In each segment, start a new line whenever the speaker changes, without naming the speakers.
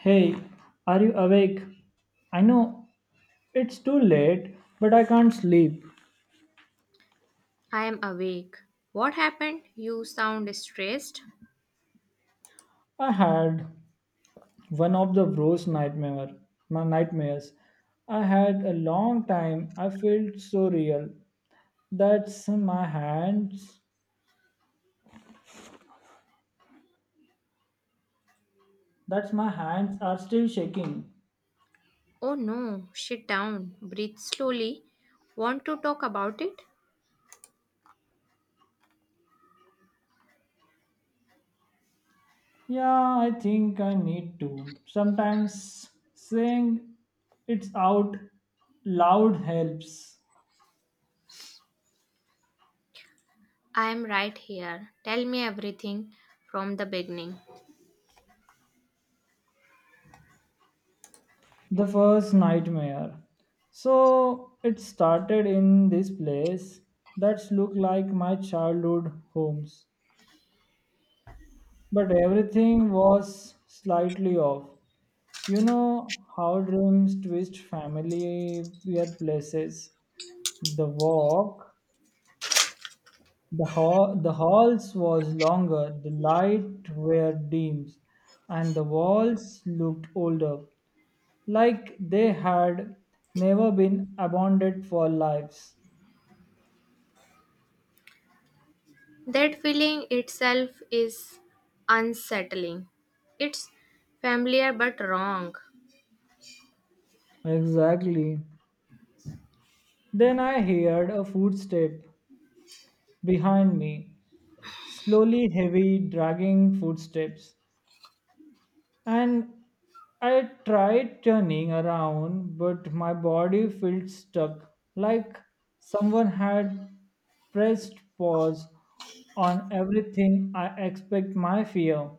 Hey, are you awake? I know it's too late, but I can't sleep.
I am awake. What happened? You sound stressed.
I had one of the worst nightmare, my nightmares. I had a long time. I felt so real. That's my hands. That's my hands are still shaking.
Oh no, sit down. Breathe slowly. Want to talk about it?
Yeah, I think I need to. Sometimes saying it's out loud helps.
I am right here. Tell me everything from the beginning.
The first nightmare. So it started in this place that's looked like my childhood homes, but everything was slightly off. You know how dreams twist family weird places. The walk, the hall, the halls was longer, the light were dim, and the walls looked older. Like they had never been abandoned for lives.
That feeling itself is unsettling. It's familiar but wrong.
Exactly. Then I heard a footstep behind me, slowly heavy, dragging footsteps, and I tried turning around, but my body felt stuck, like someone had pressed pause on everything I expect my fear.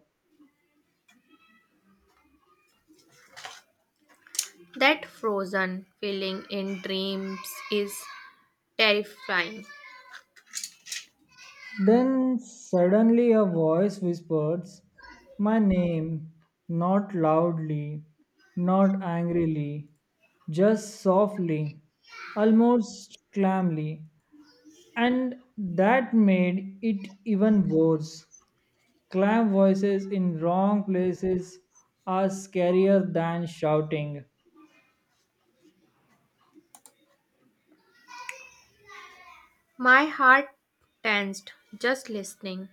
That frozen feeling in dreams is terrifying.
Then suddenly a voice whispers my name, not loudly, not angrily, just softly, almost calmly. And that made it even worse. Clam voices in wrong places are scarier than shouting.
My heart tensed just listening.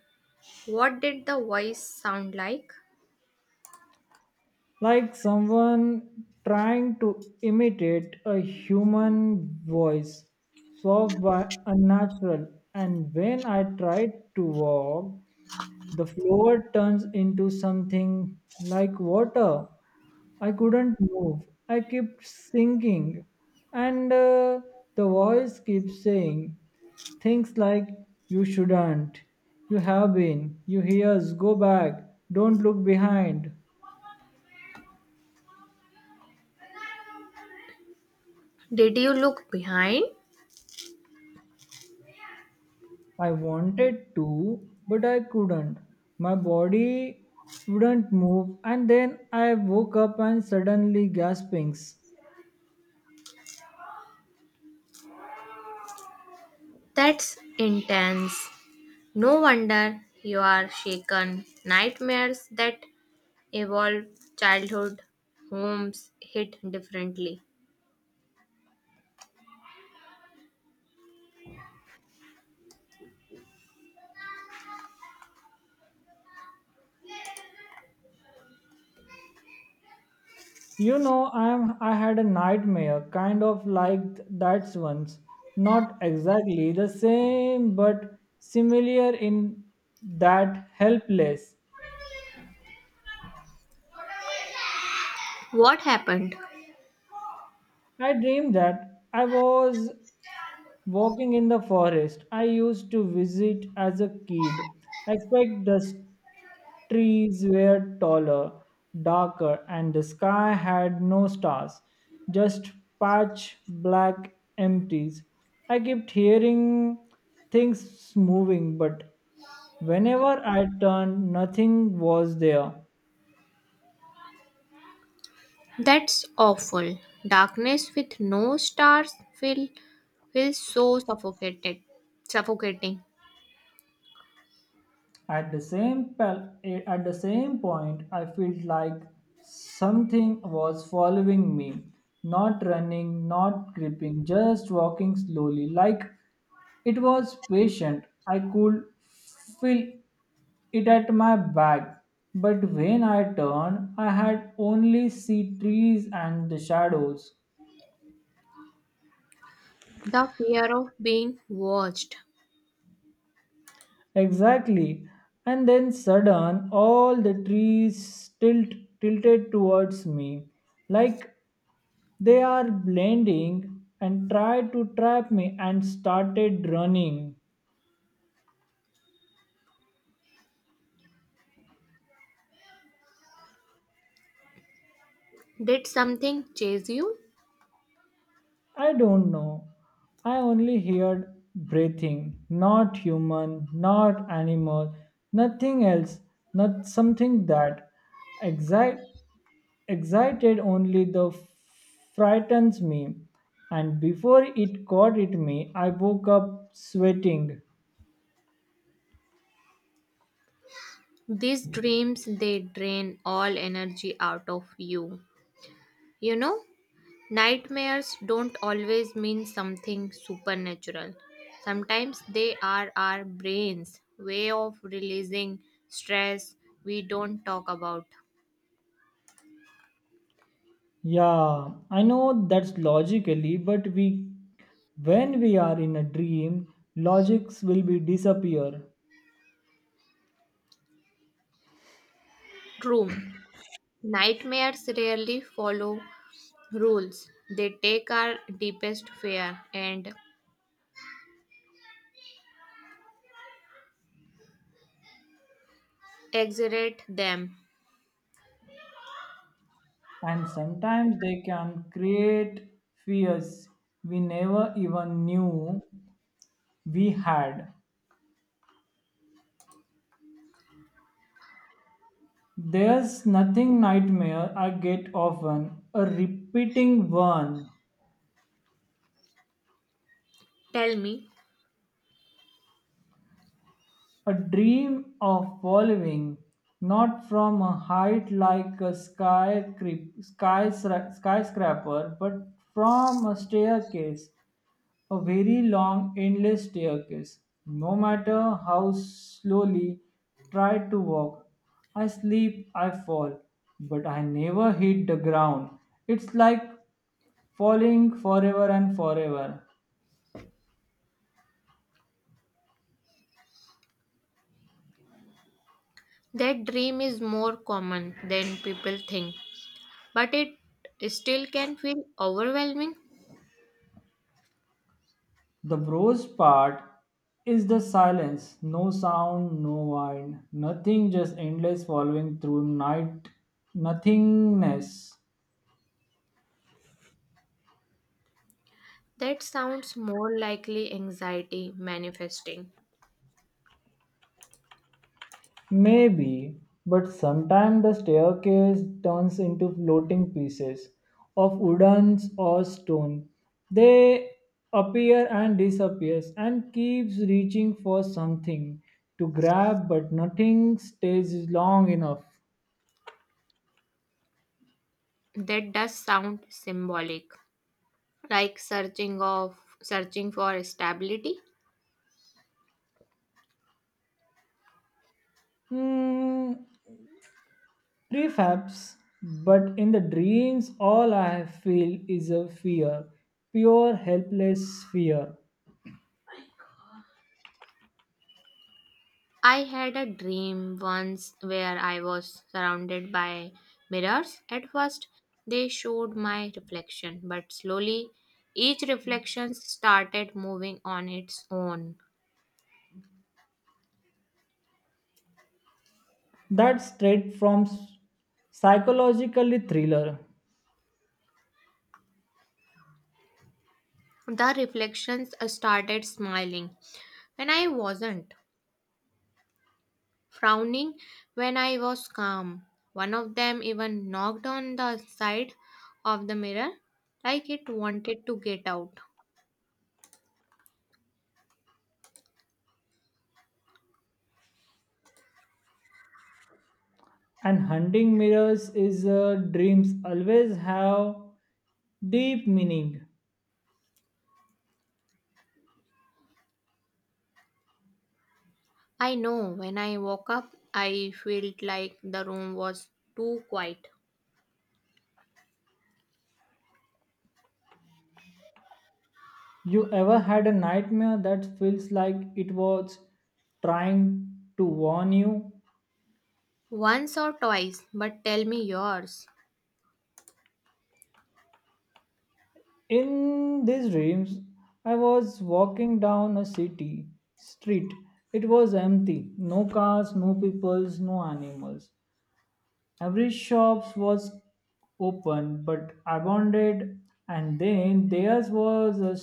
What did the voice sound like?
Like someone trying to imitate a human voice, soft but unnatural. And when I tried to walk, the floor turns into something like water. I couldn't move. I kept sinking, and the voice keeps saying things like "You shouldn't," "You have been," "You hears," "Go back," "Don't look behind."
Did you look behind?
I wanted to, but I couldn't. My body wouldn't move, and then I woke up and suddenly gaspings.
That's intense. No wonder you are shaken. Nightmares that evolve childhood homes hit differently.
You know, I had a nightmare, kind of like that one's. Not exactly the same, but similar in that helpless.
What happened?
I dreamed that I was walking in the forest I used to visit as a kid. I expect the Trees were taller, darker, and the sky had no stars, just patch black empties. I kept hearing things moving, but whenever I turned, nothing was there.
That's awful. Darkness with no stars feels so suffocated. Suffocating.
At the same pel- at the same point, I felt like something was following me, not running, not creeping, just walking slowly, like it was patient. I could feel it at my back. But when I turned, I had only see trees and the shadows.
The fear of being watched.
Exactly. And then sudden all the trees tilted towards me like they are blending and tried to trap me and started running.
Did something chase you?
I don't know. I only heard breathing, not human, not animal, nothing else, not something that excite, excited only the frightens me. And before it caught at me, I woke up sweating.
These dreams they drain all energy out of you. You know, nightmares don't always mean something supernatural. Sometimes they are our brain's way of releasing stress we don't talk about.
Yeah, I know that's logically, but we when we are in a dream, logics will be disappear.
True, nightmares rarely follow rules, they take our deepest fear and exaggerate them.
And sometimes they can create fears we never even knew we had. There's nothing nightmare I get often, a repeating one,
Tell me,
a dream of following, not from a height like a skyscraper, but from a staircase. A very long, endless staircase. No matter how slowly try to walk, I sleep. I fall, but I never hit the ground. It's like falling forever and forever.
that dream is more common than people think, but it still can feel overwhelming.
The worst part is the silence. No sound, no wind, nothing, just endless following through night, nothingness.
That sounds more likely anxiety manifesting.
Maybe, but sometimes the staircase turns into floating pieces of wood or stone. They appear and disappears and keeps reaching for something to grab, but nothing stays long enough.
That does sound symbolic, like searching for stability.
Hmm, prefabs, but in the dreams, all I feel is a fear, pure helpless fear.
I had a dream once where I was surrounded by mirrors. At first, they showed my reflection, but slowly each reflection started moving on its own.
That's straight from psychologically thriller.
The reflections started smiling when I wasn't, frowning when I was calm. One of them even knocked on the side of the mirror like it wanted to get out.
And hunting mirrors is dreams always have deep meaning.
I know when I woke up, I felt like the room was too quiet.
You ever had a nightmare that feels like it was trying to warn you?
Once or twice, but tell me yours.
In these dreams, I was walking down a city street. It was empty, no cars, no peoples, no animals. Every shop was open but abandoned, and then there was a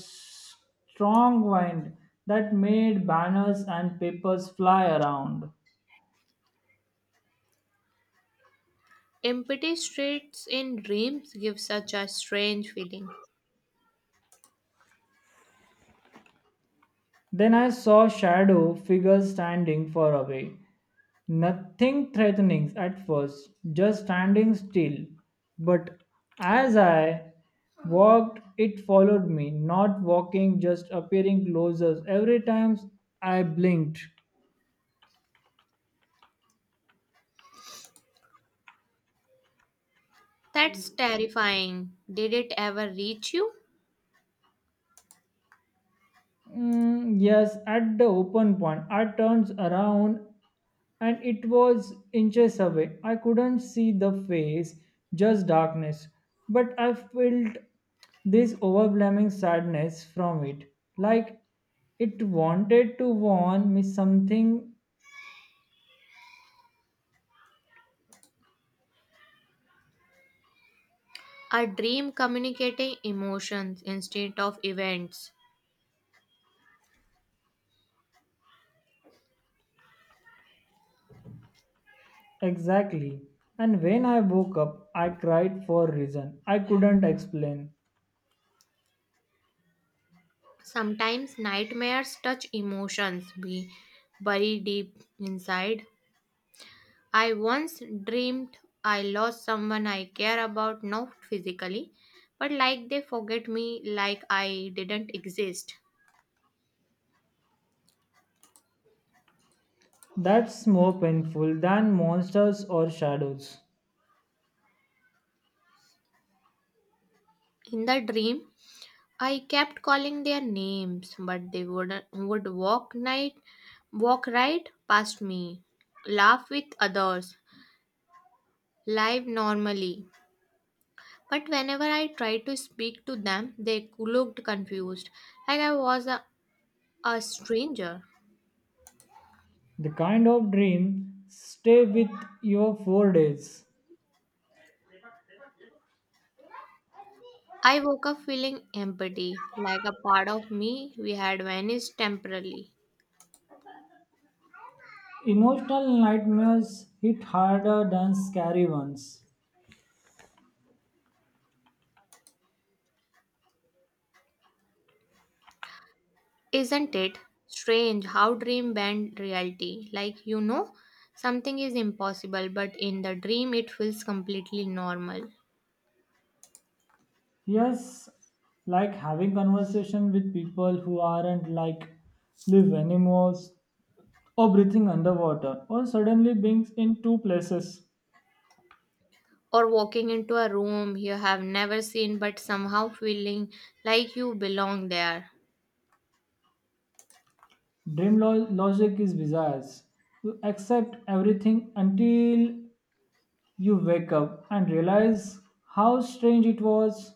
strong wind that made banners and papers fly around.
Empty streets in dreams give such a strange feeling.
Then I saw shadow figures standing far away. Nothing threatening at first, just standing still. But as I walked, it followed me, not walking, just appearing closer every time I blinked.
That's terrifying. Did it ever reach you?
Mm, yes, at the open point, I turned around and it was inches away. I couldn't see the face, just darkness. But I felt this overwhelming sadness from it, like it wanted to warn me something
A dream communicating emotions instead of events.
exactly. And when I woke up, I cried for a reason I couldn't explain.
Sometimes nightmares touch emotions we bury deep inside. I once dreamed I lost someone I care about, not physically, but like they forget me, like I didn't exist.
That's more painful than monsters or shadows.
In the dream, I kept calling their names, but they would walk night, walk right past me, laugh with others, live normally. But whenever I tried to speak to them, they looked confused, like I was a stranger.
The kind of dream stay with you for days.
I woke up feeling empty, like a part of me we had vanished temporarily.
Emotional nightmares hit harder than scary ones.
Isn't it strange how dream bend reality? Like you know, something is impossible, but in the dream it feels completely normal.
Yes, like having conversation with people who aren't like live animals or breathing underwater or suddenly being in two places.
Or walking into a room you have never seen, but somehow feeling like you belong there.
Logic is bizarre. You accept everything until you wake up and realize how strange it was.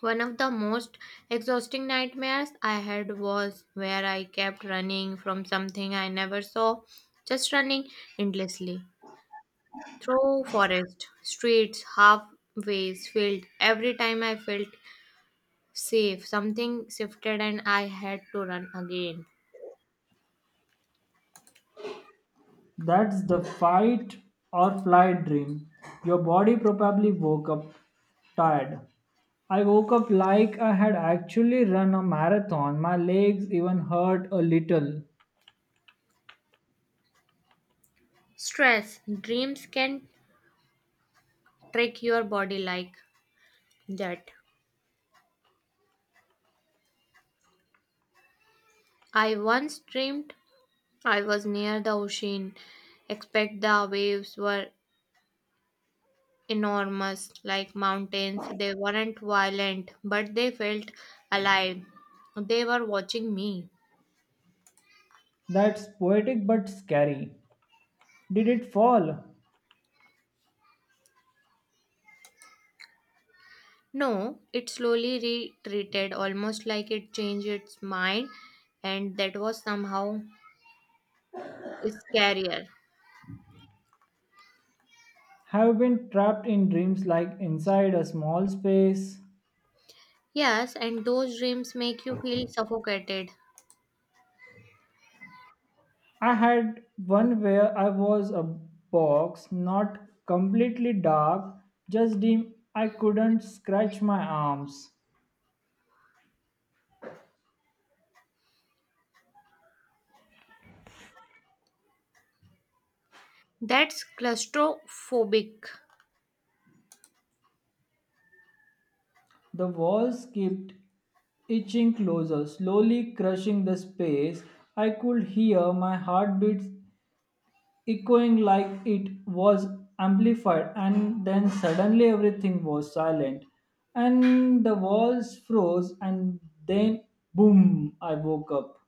One of the most exhausting nightmares I had was where I kept running from something I never saw, just running endlessly through forest, streets, halfways, field. Every time I felt safe, something shifted and I had to run again.
That's the fight or flight dream. Your body probably woke up tired. I woke up like I had actually run a marathon. My legs even hurt a little.
Stress, dreams can trick your body like that. I once dreamed I was near the ocean, except the waves were enormous, like mountains. They weren't violent, but they felt alive. They were watching me.
That's poetic but scary. Did it fall?
No, it slowly retreated, almost like it changed its mind, and that was somehow scarier.
Have you been trapped in dreams like inside a small space?
Yes, and those dreams make you feel suffocated.
I had one where I was a box, not completely dark, just dim. I couldn't scratch my arms.
That's claustrophobic.
The walls kept itching closer, slowly crushing the space. I could hear my heartbeats echoing like it was amplified, and then suddenly everything was silent. And the walls froze, and then boom, I woke up.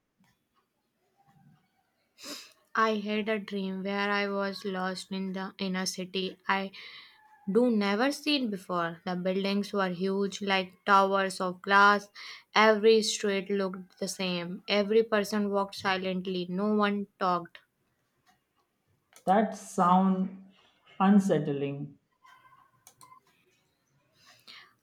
I had a dream where I was lost in the in a city I do never seen before. The buildings were huge, like towers of glass. Every street looked the same. Every person walked silently. No one talked.
That sound unsettling.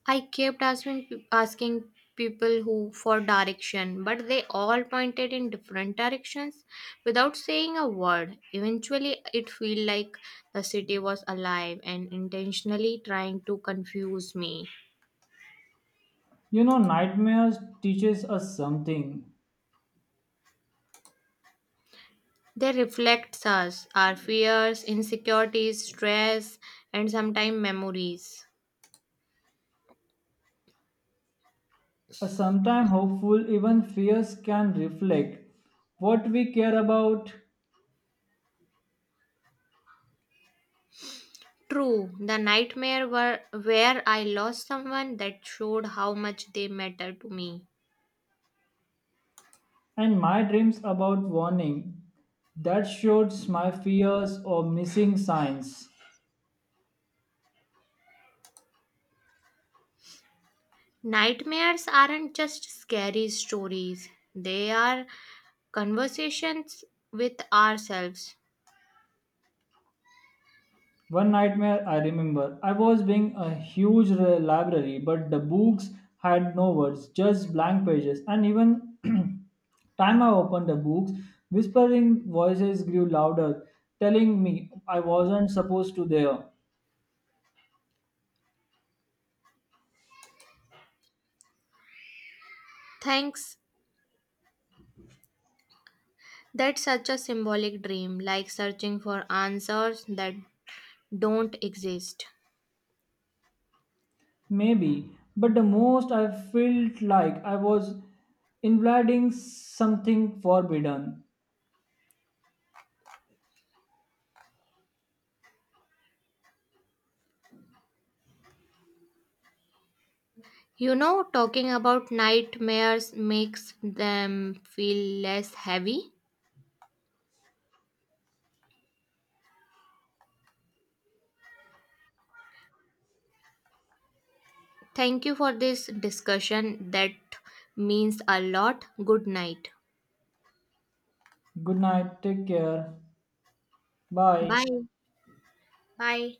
I kept asking people who for direction, but they all pointed in different directions without saying a word. Eventually, it felt like the city was alive and intentionally trying to confuse me.
You know, nightmares teaches us something.
They reflect us, our fears, insecurities, stress, and sometimes memories.
A sometimes hopeful, even fears can reflect what we care about,
True, the nightmare were where I lost someone that showed how much they matter to me.
and my dreams about warning that shows my fears of missing signs.
Nightmares aren't just scary stories, they are conversations with ourselves.
One nightmare I remember, I was being a huge library, but the books had no words, just blank pages, and even time I opened the books, whispering voices grew louder, telling me I wasn't supposed to there.
Thanks. That's such a symbolic dream, like searching for answers that don't exist.
Maybe, but the most I felt like I was invading something forbidden.
You know, talking about nightmares makes them feel less heavy. Thank you for this discussion. That means a lot. Good night.
Good night, take care, bye.
Bye. Bye.